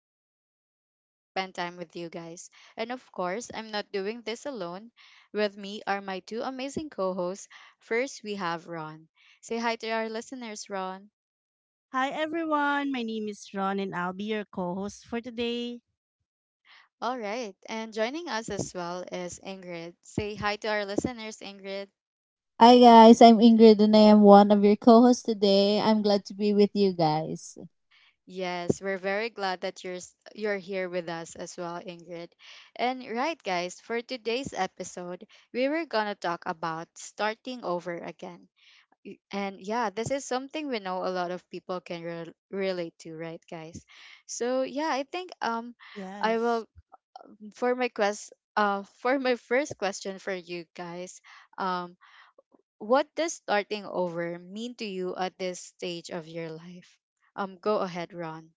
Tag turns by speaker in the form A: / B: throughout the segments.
A: and I'm so excited to spend time with you guys. And of course, I'm not doing this alone. With me are my two amazing co hosts. First, we have Ron. Say hi to our listeners, Ron.
B: Hi everyone, my name is Ron and I'll be your co host for today.
A: All right, and joining us as well is Ingrid. Say hi to our listeners, Ingrid.
C: Hi guys, I'm Ingrid and I am one of your co-hosts today. I'm glad to be with you guys.
A: Yes, we're very glad that you're here with us as well, Ingrid. And right, guys, for today's episode, we were gonna talk about starting over again. And yeah, this is something we know a lot of people can relate to, right, guys? So yeah, I think I
B: Yes.
A: will for my quest for my first question for you guys, um, what does starting over mean to you at this stage of your life? Go ahead, Ron.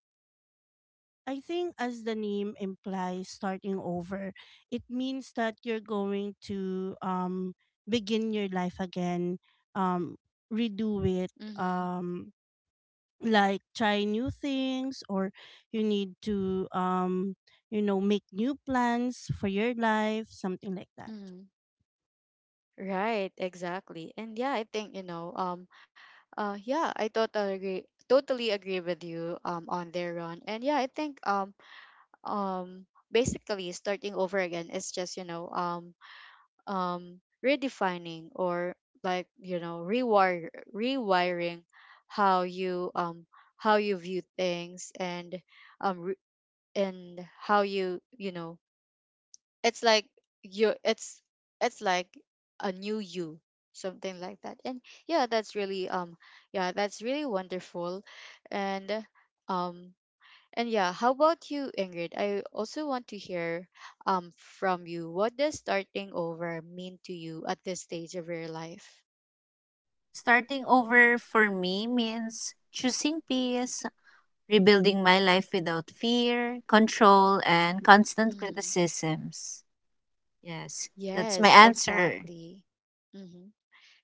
B: I think, as the name implies, starting over, it means that you're going to begin your life again, um, redo it,
A: Mm-hmm.
B: like try new things, or you need to, you know, make new plans for your life, something like that.
A: Mm, right, exactly. And yeah, I think, you know, yeah, I totally agree with you on there, Ron. And yeah, I think basically, starting over again is just, you know, redefining or, like, you know, rewire rewiring how you um how you view things and um re- and how you, you know, it's like you it's it's like a new you, something like that. And yeah, that's really wonderful. And um and yeah, how about you, Ingrid? I also want to hear from you, what does starting over mean to you at this stage of your life?
C: Starting over for me means choosing peace, rebuilding my life without fear, control, and constant
A: Mm-hmm.
C: criticisms. Yes, that's my
A: Yes,
C: answer.
A: exactly. Mm-hmm.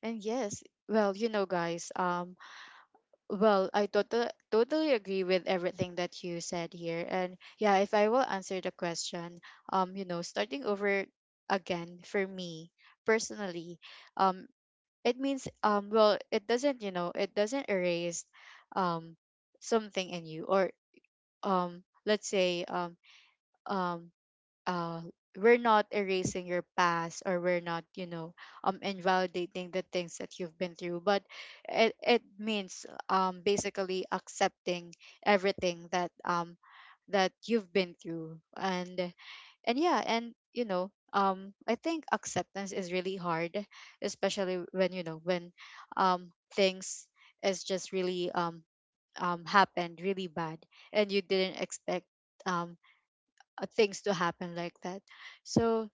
A: And yes, well, you know, guys, well, I totally agree with everything that you said here. And yeah, if I will answer the question, you know, starting over again for me personally, um, it means well, it doesn't, you know, it doesn't erase um something in you, or let's say um uh, we're not erasing your past, or we're not, you know, invalidating the things that you've been through. But it means basically accepting everything that that you've been through. And yeah, and you know, I think acceptance is really hard, especially when you know, when things is just really happened really bad, and you didn't expect um things to happen like that. So,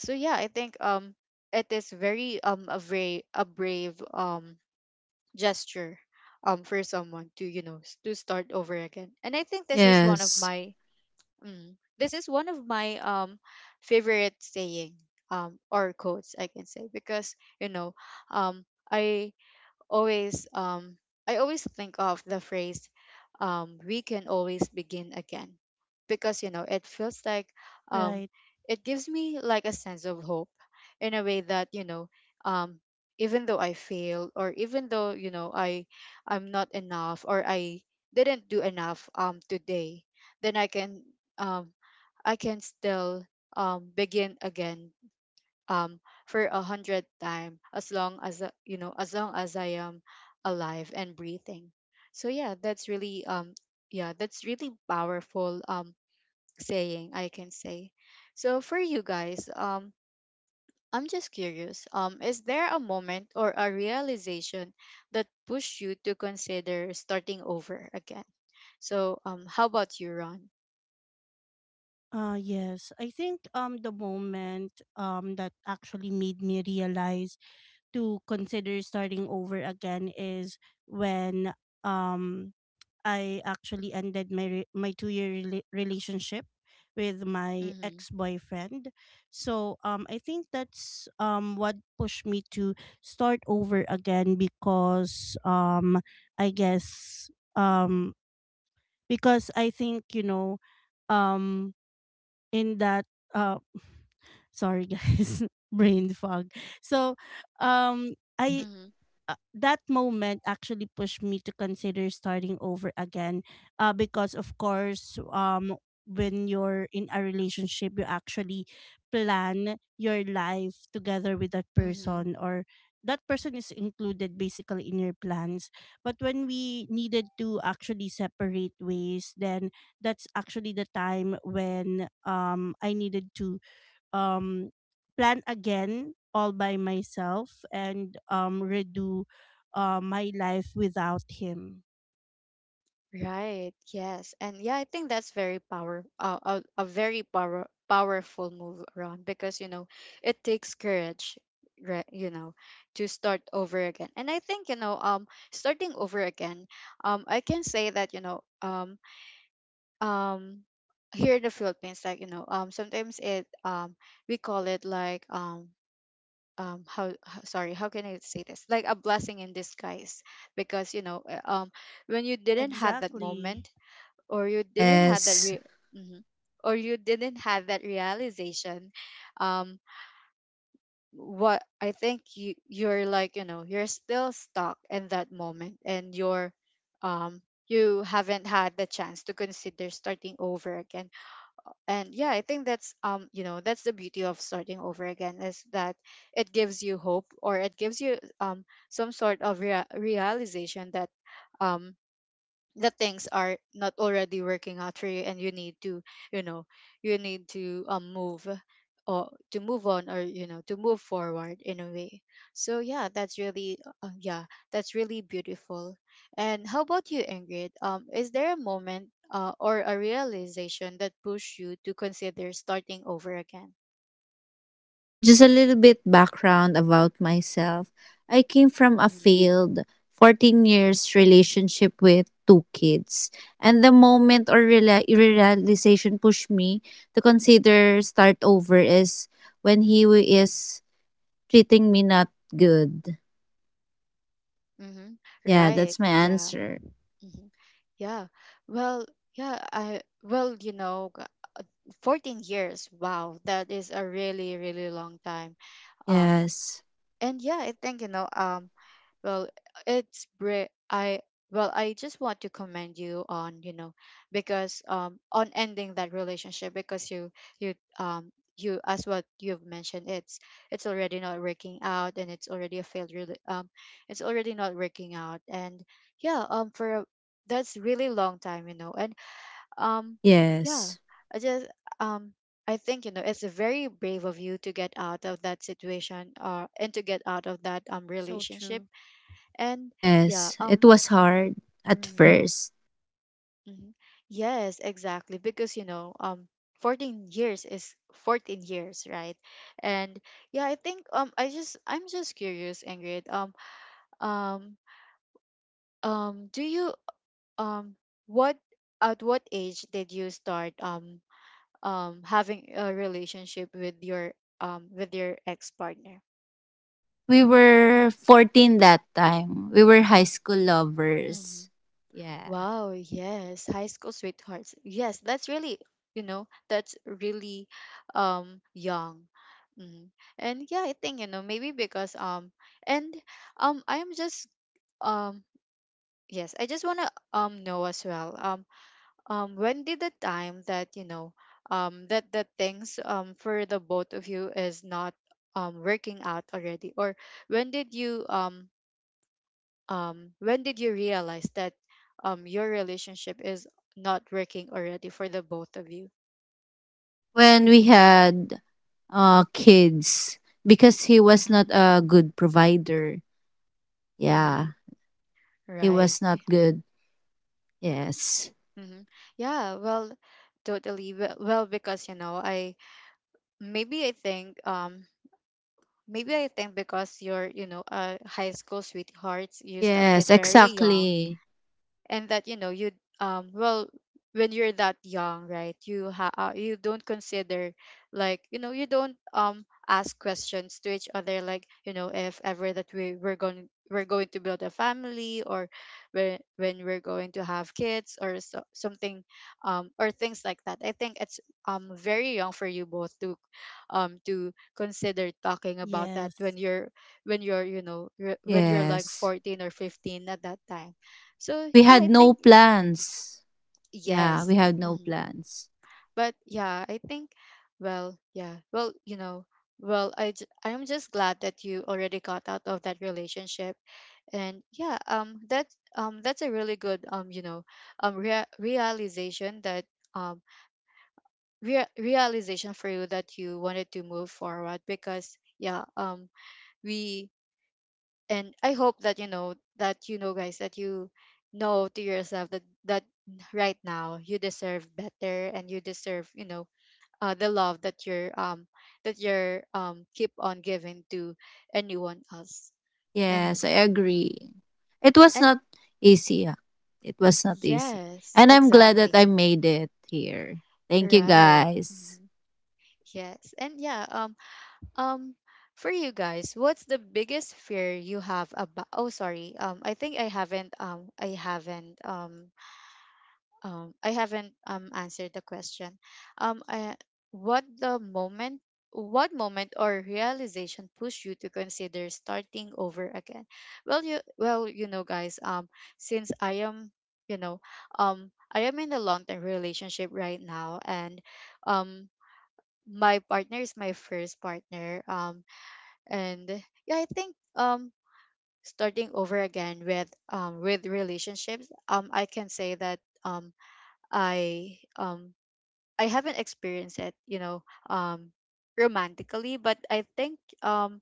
A: yeah, I think it is very a brave gesture for someone to, you know, to start over again. And I think this is one of
C: Yes.
A: my, this is one of my favorite saying or quotes I can say because, you know, um I always um I always think of the phrase, we can always begin again. Because, you know, it feels like um
B: Right.
A: it gives me like a sense of hope, in a way that, you know, um even though I fail, or even though, you know, I'm not enough, or I didn't do enough today, then um I can still begin again, um for a hundred time, as long as you know, as long as I am alive and breathing. So yeah, that's really powerful saying, I can say. So for you guys, I'm just curious, is there a moment or a realization that pushed you to consider starting over again? So how about you, Ron?
B: Yes, I think the moment that actually made me realize to consider starting over again is when um I actually ended my 2-year relationship with my
A: Mm-hmm.
B: ex-boyfriend. So I think that's what pushed me to start over again because I guess um because I think, you know, um in that uh sorry guys brain fog, so um I
C: Okay.
A: Mm-hmm.
B: that moment actually pushed me to consider starting over again, because of course, when you're in a relationship you actually plan your life together with that
A: Mm-hmm.
B: person, or that person is included basically in your plans. But when we needed to actually separate ways, then that's actually the time when I needed to um plan again all by myself and redo my life without him.
A: Right. Yes. And yeah, I think that's very power a very powerful move around, because, you know, it takes courage, right, you know, to start over again. And I think, you know, starting over again, I can say that, you know, um here in the Philippines, like, you know, sometimes it we call it like, um how h- sorry, how can I say this? Like a blessing in disguise, because, you know, when you didn't have that
B: Exactly.
A: moment, or you didn't have that
C: Yes.
A: mhm, or you didn't have that realization, um what I think you, you know, you're still stuck in that moment, and you're um you haven't had the chance to consider starting over again. And yeah, I think that's, you know, that's the beauty of starting over again, is that it gives you hope, or it gives you some sort of realization that um that things are not already working out for you, and you need to, you know, you need to move or to move on, or you know, to move forward in a way. So yeah, that's really uh, yeah that's really beautiful. And how about you, Ingrid? Is there a moment or a realization that pushed you to consider starting over again?
C: Just a little bit background about myself. I came from a
A: Mm-hmm.
C: failed 14 years relationship with two kids. And the moment or realization pushed me to consider start over is when he is treating me not good.
A: Mm-hmm.
C: Yeah,
A: Right,
C: that's my
A: yeah.
C: answer.
A: Mm-hmm. Yeah. Well, yeah, I, well, you know, 14 years, wow, that is a really, really long time. um
C: Yes.
A: and yeah, I think, you know, well, it's bri- I well, I just want to commend you on, you know, because on ending that relationship, because you, you um you, as what you've mentioned, it's already not working out, and it's already a it's already not working out. And yeah, for a, that's really long time, you know, and um, yeah,
C: Yes.
A: I just um, I think, you know, it's very brave of you to get out of that situation, and to get out of that
B: So
A: relationship.
B: true.
A: And yeah,
C: Yes. It was hard at
A: mm,
C: first.
A: mhm. Yes, exactly. Because you know 14 years is 14 years, right. And yeah, I think I'm just curious, Ingrid, um do you, um what at what age did you start having a relationship with your ex partner?
C: We were 14 that time. We were high school
A: Hmm.
C: lovers. Yeah.
A: Wow, yes, high school sweethearts, yes, that's really, you know, that's really young. Mm. And yeah, I think, you know, maybe because and I'm just um yes, I just want to know as well when did the time that, you know, that that things for the both of you is not working out already, or when did you um when did you realize that your relationship is not working already for the both of you?
C: When we had kids because he was not
A: Mm-hmm.
C: a good provider.
A: Mm-hmm.
C: Yeah, he
A: Right.
C: was not good. Yes.
A: Mm-hmm. Yeah, well, totally well well, because you know, I maybe I think maybe I think because you're, you know, a high school sweethearts, you
C: Yes,
A: started very young.
C: exactly.
A: And that, you know, you well, when you're that young, right, you you don't consider, like, you know, you don't ask questions to each other, like, you know, if ever that we're going, to build a family, or when, we're going to have kids, or so, something or things like that. I think it's very young for you both to consider talking about that when
B: Yes,
A: you're, when you're, you know, when you're like
C: Yes.
A: 14 or 15 at that time. So
C: We
A: yeah,
C: had
A: I
C: no
A: think, mhm,
C: plans. Yeah, we
A: yes.
C: had no
A: Hmm.
C: plans.
A: But yeah, I think, well, yeah, well, you know, well, I am just glad that you already got out of that relationship. And yeah, that that's a really good you know, realization that um realization for you that you wanted to move forward. Because yeah, we and I hope that you know, that you know, guys, that you know, to yourself, that right now you deserve better, and you deserve, you know, the love that you're keep on giving to anyone else. And
C: Yes, I
A: mhm.
C: agree. It was
A: And
C: not easy. Ah. It was not easy.
A: yes,
C: And I'm glad that I
A: exactly.
C: made it here. Thank you
A: Right.
C: guys.
A: Mhm. Yes. And yeah, um for you guys, what's the biggest fear you have about, oh sorry, I think I haven't I haven't I haven't answered the question. I, what the moment What moment or realization pushed you to consider starting over again? Well, you know, guys, since I am, you know, I am in a long term relationship right now, and um my partner is my first partner. And yeah, I think starting over again with relationships, I can say that I um I haven't experienced it, you know, um romantically. But I think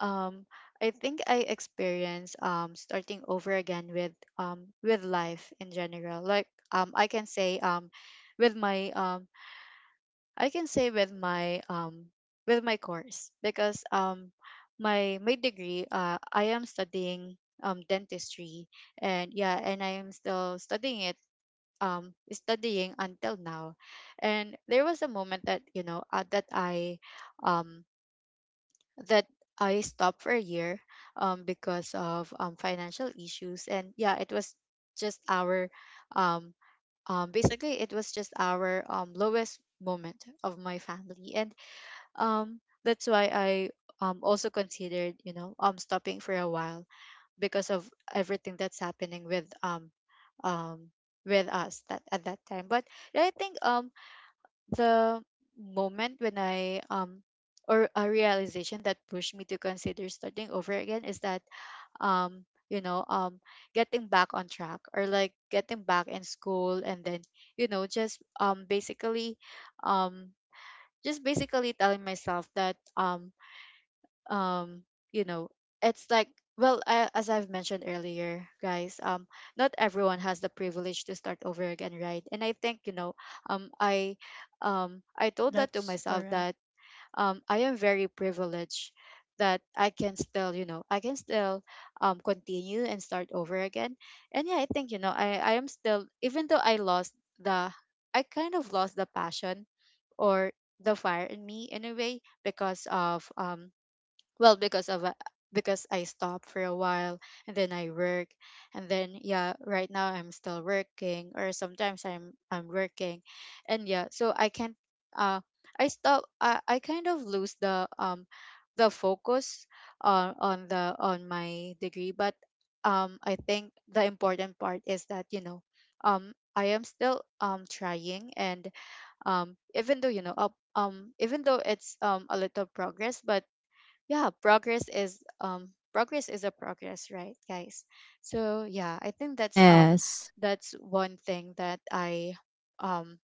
A: um I think I experience starting over again with life in general. Like, with my um I can say with my course. Because my degree, I am studying dentistry, and yeah, and I am still studying it, studying until now. And there was a moment that, you know, um, that I stopped for a year, because of financial issues. And yeah, it was just our um, basically it was just our lowest moment of my family, and that's why I also considered, you know, stopping for a while because of everything that's happening um with us that at that time. But yeah, I think the moment when I or a realization that pushed me to consider starting over again is that, you know, getting back on track, or like getting back in school, and then, you know, just basically, um just basically telling myself that, um you know, it's like, well, as I've mentioned earlier, guys, not everyone has the privilege to start over again, right? And I think, you know, um i I told that to
B: that's
A: myself
B: correct.
A: that I am very privileged that I can still, you know, I can still continue and start over again. And yeah, I think, you know, I am still, even though I lost the I kind of lost the passion, or the fire in me, in a way, because of because of because I stopped for a while, and then I work, and then yeah, right now I'm still working, or sometimes I'm working. And yeah, so I can't, uh I kind of lose the, the focus on the on my degree. But I think the important part is that, you know, I am still trying, and even though, you know, up even though it's a little progress, but yeah, progress is progress, is a progress, right, guys? So yeah, I think
C: Yes.
A: that's one thing that I um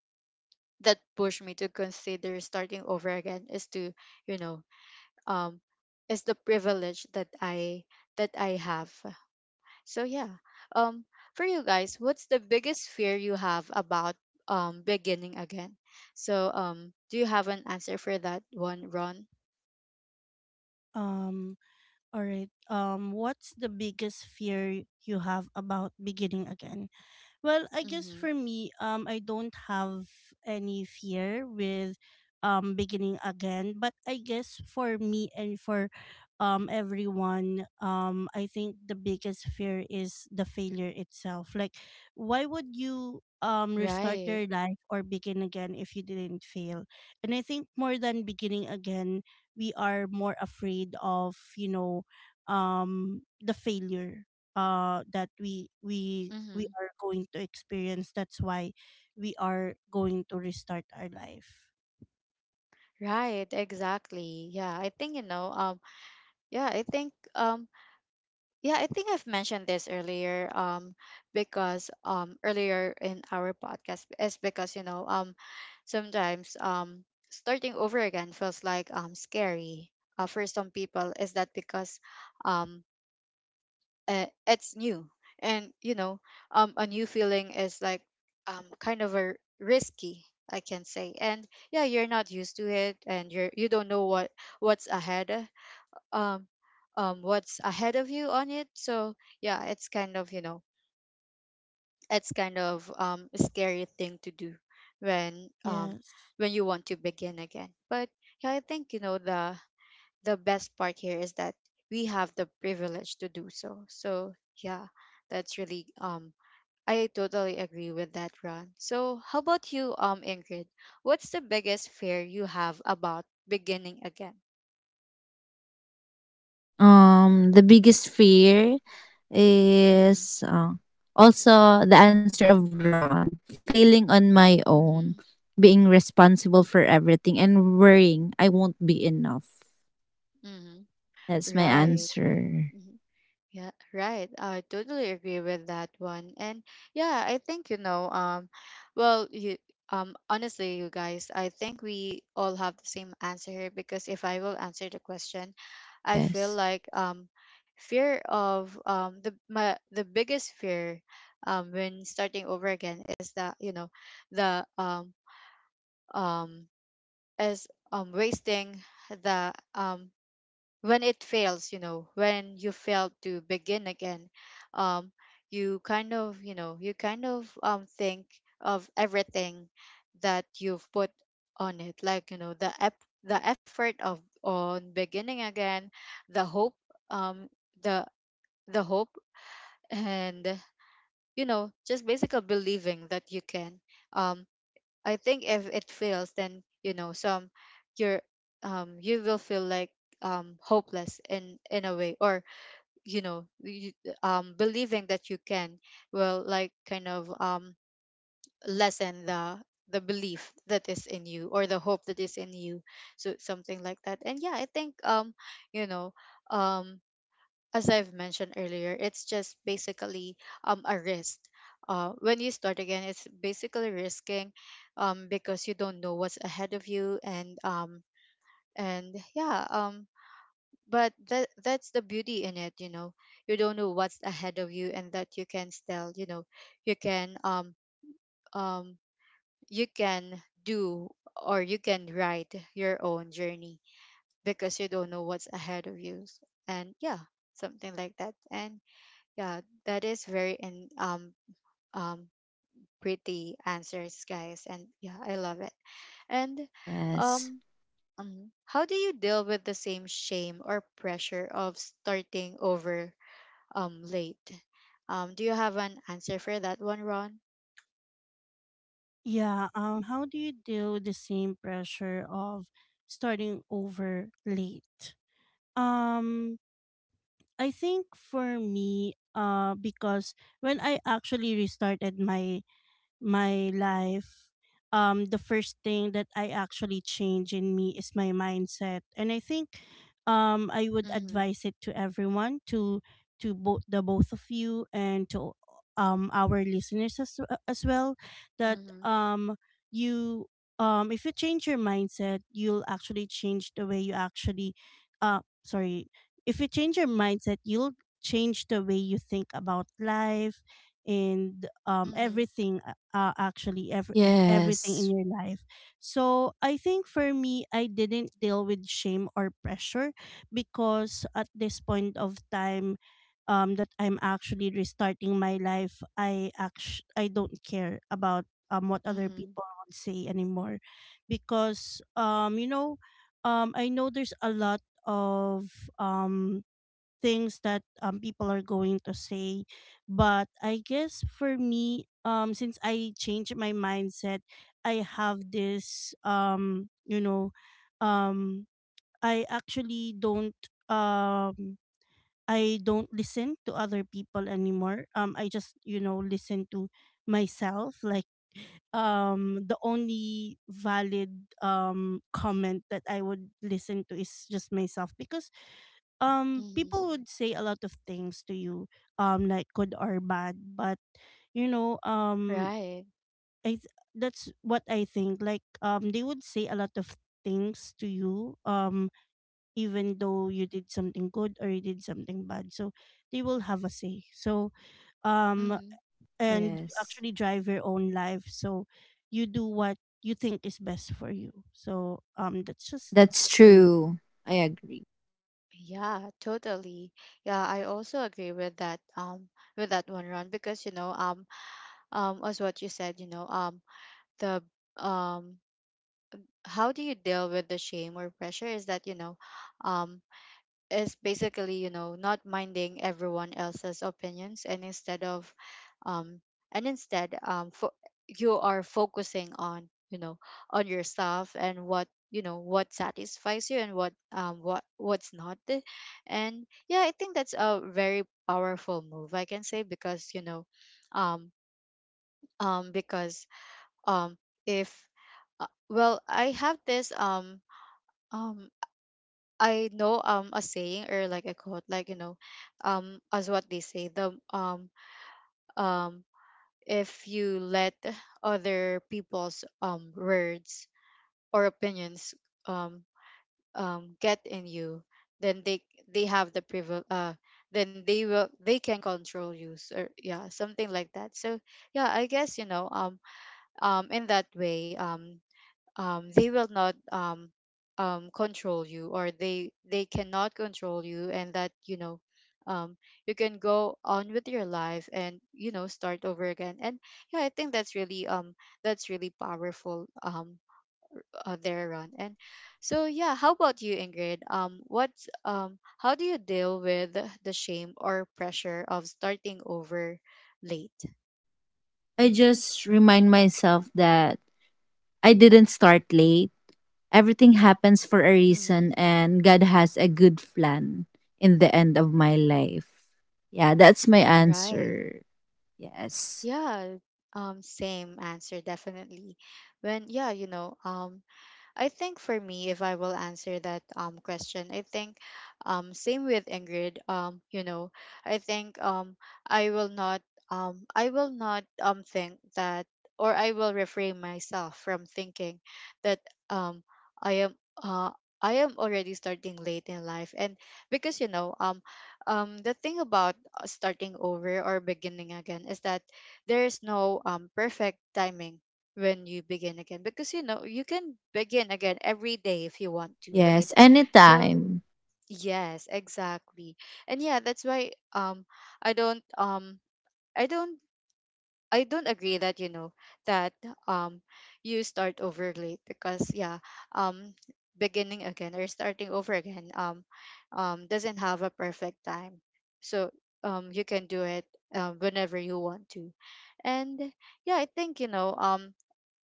A: that pushed me to consider starting over again, is to, you know, um is the privilege that I that I have. So yeah. um for you guys, what's the biggest fear you have about beginning again? So do you have an answer for that one, Ron?
B: Um all right. What's the biggest fear you have about beginning again? Well, I guess
A: Mm-hmm.
B: for me, I don't have any fear with beginning again. But I guess for me and for everyone, I think the biggest fear is the failure itself. Like, why would you restart
A: Right.
B: your life or begin again if you didn't fail? And I think more than beginning again, we are more afraid of, you know, the failure that we
A: Mm-hmm.
B: are going to experience. That's why we are going to restart our life.
A: Right, exactly. Yeah, I think, you know, yeah, I think, yeah, I think I've mentioned this earlier, because earlier in our podcast, is because, you know, sometimes starting over again feels like scary. For some people, is that because um it's new, and you know, a new feeling is like kind of a risky, I can say. And yeah, you're not used to it, and you don't know what, what's ahead, uh, um what's ahead of you on it. So yeah, it's kind of, you know, it's kind of a scary thing to do when um
B: Yes.
A: when you want to begin again. But yeah, I think, you know, the best part here is that we have the privilege to do so. So yeah, that's really I totally agree with that, Ron. So how about you, Ingrid? What's the biggest fear you have about beginning again?
C: The biggest fear
A: Mm-hmm.
C: is also the answer of Ron, failing on my own,
A: Mm-hmm.
C: being responsible for everything, and worrying I won't be enough.
A: Mm-hmm.
C: That's my
A: Right.
C: answer.
A: Yeah, right. I totally agree with that one. And yeah, I think, you know, well, honestly, you guys, I think we all have the same answer here, because if I will answer the question, I
C: Yes,
A: feel like, fear of, the biggest fear when starting over again, is that, you know, the um is wasting the when it fails, you know, when you fail to begin again, um you kind of, you know, you kind of think of everything that you've put on it, like, you know, the effort of on beginning again, the hope, um the the hope, and, you know, just basically believing that you can, um I think if it fails, then, you know, some you're, you will feel like hopeless in a way, or, you know, believing that you can, will like kind of lessen the belief that is in you, or the hope that is in you. So something like that. And yeah, I think, you know, um as I've mentioned earlier, it's just basically a risk. When you start again, it's basically risking, because you don't know what's ahead of you, and, and yeah, but that's the beauty in it, you know. You don't know what's ahead of you, and that you can still, you know, you can, um you can do, or you can write your own journey, because you don't know what's ahead of you, and yeah, something like that. And yeah, that is very, and um pretty answers, guys. And yeah, I love it. And
C: yes,
A: um, how do you deal with the same shame or pressure of starting over late? Do you have an answer for that one, Ron?
B: Yeah how do you deal with the same pressure of starting over late? Um I think for me, because when I actually restarted my life, the first thing that I actually change in me is my mindset. And I think, I would
A: Mm-hmm.
B: advise it to everyone, to both the both of you and to our listeners as well, that,
A: Mm-hmm.
B: you, if you change your mindset, you'll actually change the way you uh, sorry, if you change your mindset, you'll change the way you think about life and
A: Mm-hmm.
B: everything, everything in
C: yes,
B: your life. So I think for me, I didn't deal with shame or pressure, because at this point of time, that I'm actually restarting my life, I don't care about what other
A: Mm-hmm.
B: people would say anymore, because, you know, I know there's a lot of, things that people are going to say. But I guess for me, since I changed my mindset, I have this, you know, um I actually don't, um I don't listen to other people anymore. I just, you know, listen to myself. Like, the only valid comment that I would listen to is just myself, because
A: Mm-hmm. Mm-hmm.
B: people would say a lot of things to you, like good or bad. But, you know,
A: Right.
B: i th- that's what I think. Like, they would say a lot of things to you, even though you did something good or you did something bad. So they will have a say. So um
A: Mm-hmm.
B: and you
C: yes.
B: actually drive your own life, so you do what you think is best for you. So that's just
C: That's
B: for me.
C: true. I agree.
A: Yeah, totally. Yeah, I also agree with that. With that one, Ron, because, you know, as what you said, you know, the um how do you deal with the shame or pressure, is that, you know, um is basically, you know, not minding everyone else's opinions, and instead of, um and instead, you are focusing on, you know, on yourself, and what, you know, what satisfies you, and what, what, what's not. And yeah, I think that's a very powerful move, I can say, because, you know, um because, um if, well, I have this, um I know, a saying, or like a quote, like, you know, as what they say, the um if you let other people's words or opinions um get in you, then they have the privilege, then they will, they can control you. So yeah, something like that. So yeah, I guess, you know, in that way, they will not, control you, or they cannot control you. And that, you know, um, you can go on with your life, and, you know, start over again. And yeah, I think that's really powerful, there on. And so yeah, how about you, Ingrid? Um, what's how do you deal with the shame or pressure of starting over late?
C: I just remind myself that I didn't start late. Everything happens for a
A: Mm-hmm.
C: reason, and God has a good plan in the end of my life. Yeah, that's my
A: Right.
C: answer. Yes.
A: Yeah, same answer, definitely. When, yeah, you know, I think for me, if I will answer that question, I think same with Ingrid. You know, I think I will not I will not think that, or I will refrain myself from thinking that um I am, I am already starting late in life. And because, you know, the thing about, starting over, or beginning again, is that there is no perfect timing when you begin again, because, you know, you can begin again every day if you want to, right?
C: Yes,
A: So
C: anytime.
A: yes, exactly. And yeah, that's why I don't, I don't, I don't agree that, you know, that um you start over late, because yeah, um beginning again or starting over again doesn't have a perfect time. So you can do it whenever you want to. And yeah, I think, you know,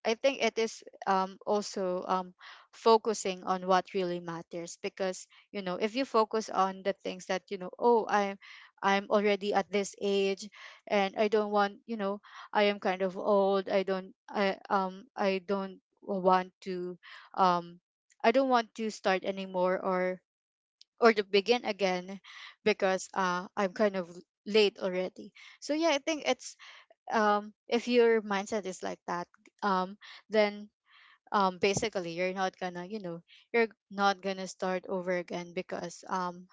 A: I think it is, also, focusing on what really matters. Because, you know, if you focus on the things that, you know, oh, I'm already at this age, and I don't want, you know, I am kind of old, I don't want to, um I don't want to start anymore, or to begin again, because I'm kind of late already. So yeah, I think it's, if your mindset is like that, um then basically, you're not gonna, you know, you're not gonna start over again, um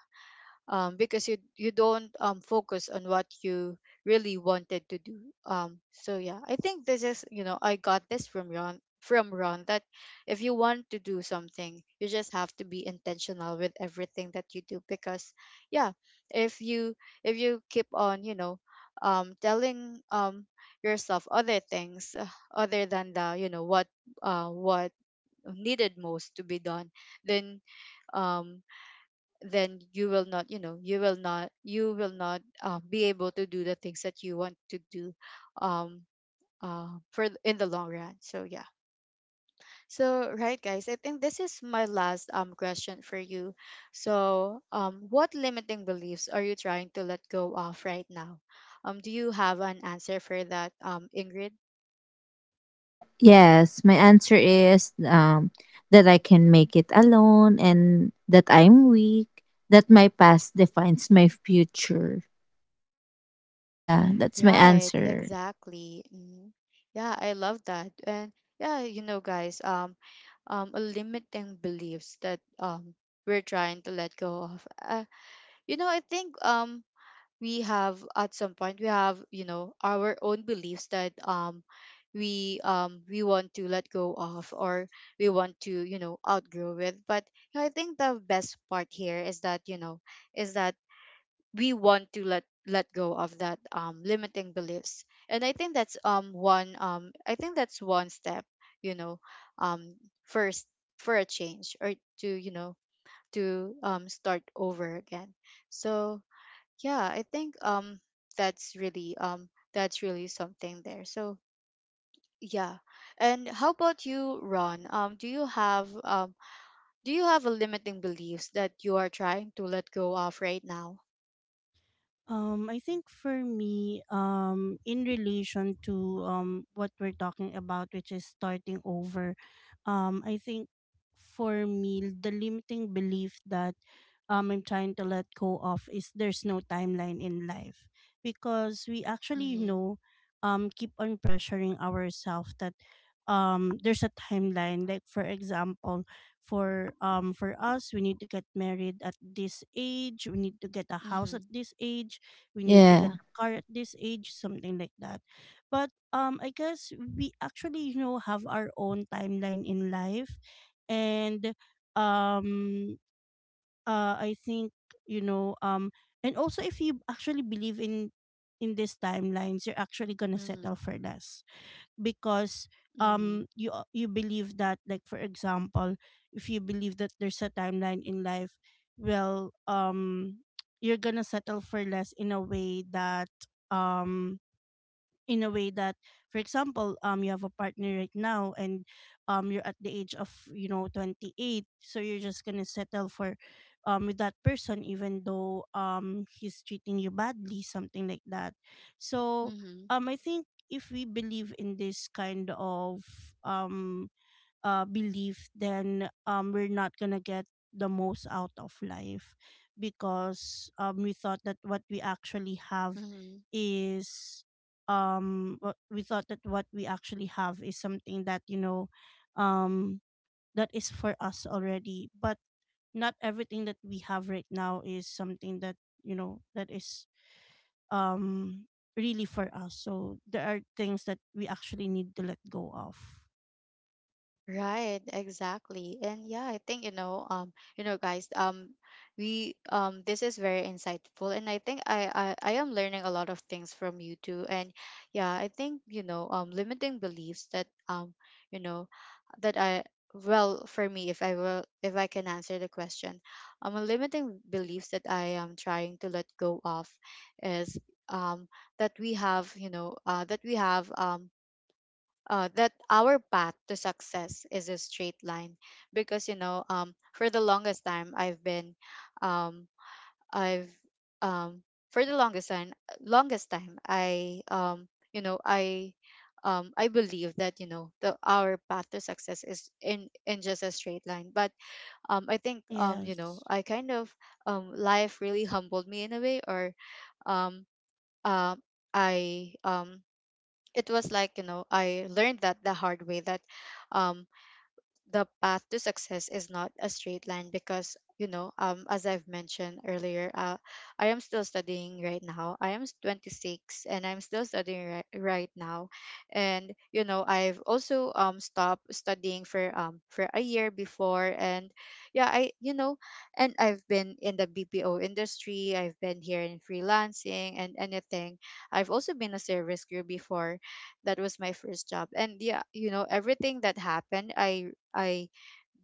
A: um because you don't focus on what you really wanted to do. Um, so yeah, I think this is, you know, I got this from Ron, that if you want to do something, you just have to be intentional with everything that you do. Because yeah, if you, if you keep on, you know, telling, yourself other things, other than the, you know, what, what needed most to be done, then um then you will not, you know, you will not, be able to do the things that you want to do, um for in the long run. So yeah. So right, guys, I think this is my last question for you. So what limiting beliefs are you trying to let go of right now? Um, do you have an answer for that, um, Ingrid?
C: Yes, my answer is that I can make it alone and that I'm weak, that my past defines my future. Yeah, that's my
A: Right,
C: answer.
A: exactly. Mhm. Yeah, I love that. And yeah, you know, guys, a limiting beliefs that we're trying to let go of. You know, I think we have at some point we have you know our own beliefs that um we want to let go of or we want to you know outgrow with. But you know, I think the best part here is that you know is that we want to let go of that limiting beliefs. And I think that's one I think that's one step, you know, um first, for a change, or to you know to start over again. So yeah, I think that's really um that's really something there. So yeah, and how about you, Ron? Do you have do you have a limiting beliefs that you are trying to let go of right now?
B: I think for me, in relation to what we're talking about, which is starting over, I think for me the limiting belief that I'm trying to let go of is there's no timeline in life, because we actually, you
A: Mm-hmm.
B: know, keep on pressuring ourselves that there's a timeline. Like, for example, for us, we need to get married at this age, we need to get a house at
A: Mm-hmm.
B: this age, we need to get
C: Yeah.
B: a car at this age, something like that. But I guess we actually, you know, have our own timeline in life. And um I think, you know, and also if you actually believe in these timelines, you're actually gonna settle
A: Mm-hmm.
B: for less, because
A: Mm.
B: you you believe that, like, for example, if you believe that there's a timeline in life, well, you're gonna settle for less in a way that, um in a way that, for example, you have a partner right now and you're at the age of, you know, 28, so you're just going to settle for, with that person, even though he's treating you badly, something like that. So
A: Mhm.
B: I think if we believe in this kind of, um belief, then, we're not gonna get the most out of life, because, we thought that what we actually have
A: Mhm.
B: is what we thought that what we actually have is something that, you know, um that is for us already. But not everything that we have right now is something that, you know, that is, um really for us. So there are things that we actually need to let go of.
A: Right, exactly. And yeah, I think you know, guys, we this is very insightful and I think I am learning a lot of things from you too. And yeah, I think, you know, limiting beliefs that you know, that I well, for me, if I can answer the question, limiting beliefs that I am trying to let go of is um that we have that our path to success is a straight line. Because you know for the longest time I've been um, I've um, for the longest time I you know I believe that you know the our path to success is in just a straight line. But I think you know
B: Yes.
A: I kind of life really humbled me in a way. Or um, uh, I it was like you know I learned that the hard way that um the path to success is not a straight line, because you know as I've mentioned earlier, I am still studying right now. I am 26 and I'm still studying right now. And you know I've also stopped studying for a year before. And yeah, I you know, and I've been in the BPO industry, I've been here in freelancing and anything, I've also been a service crew before. That was my first job. And yeah, you know, everything that happened, I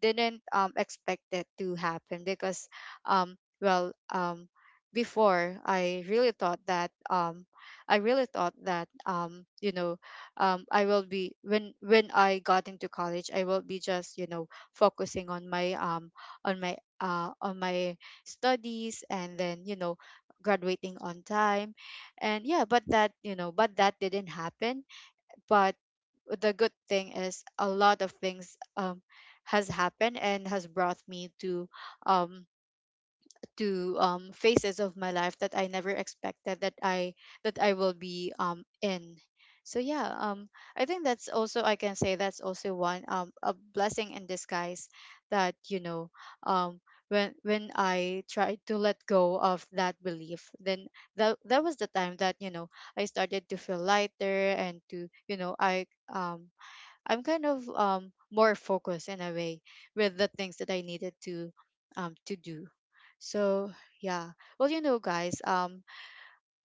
A: didn't expect that to happen, because um, well, um, before I really thought that I really thought that I will be, when I got into college I will be just you know focusing on my on my on my studies, and then you know graduating on time. And yeah, but that didn't happen. But the good thing is a lot of things has happened and has brought me to um phases of my life that I never expected that I will be in. So yeah, I think that's also, I can say that's also one, a blessing in disguise, that you know um when I tried to let go of that belief, then that that was the time that you know I started to feel lighter. And to you know um I'm kind of more focused in a way with the things that I needed to do. So yeah, well you know guys,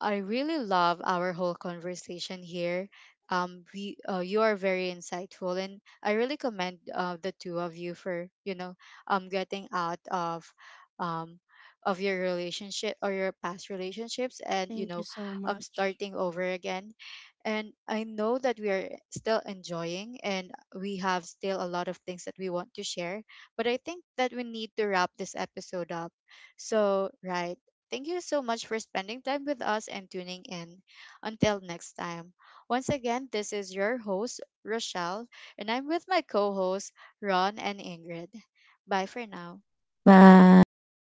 A: I really love our whole conversation here. We you are very insightful, and I really commend, the two of you for you know getting out um of your relationship or your past relationships, and you
B: Thank you
A: know
B: so much.
A: starting over again. And I know that we are still enjoying, and we have still a lot of things that we want to share. But I think that we need to wrap this episode up. So right, thank you so much for spending time with us and tuning in. Until next time. Once again, this is your host, Rochelle, and I'm with my co hosts, Ron and Ingrid. Bye for now.
C: Bye.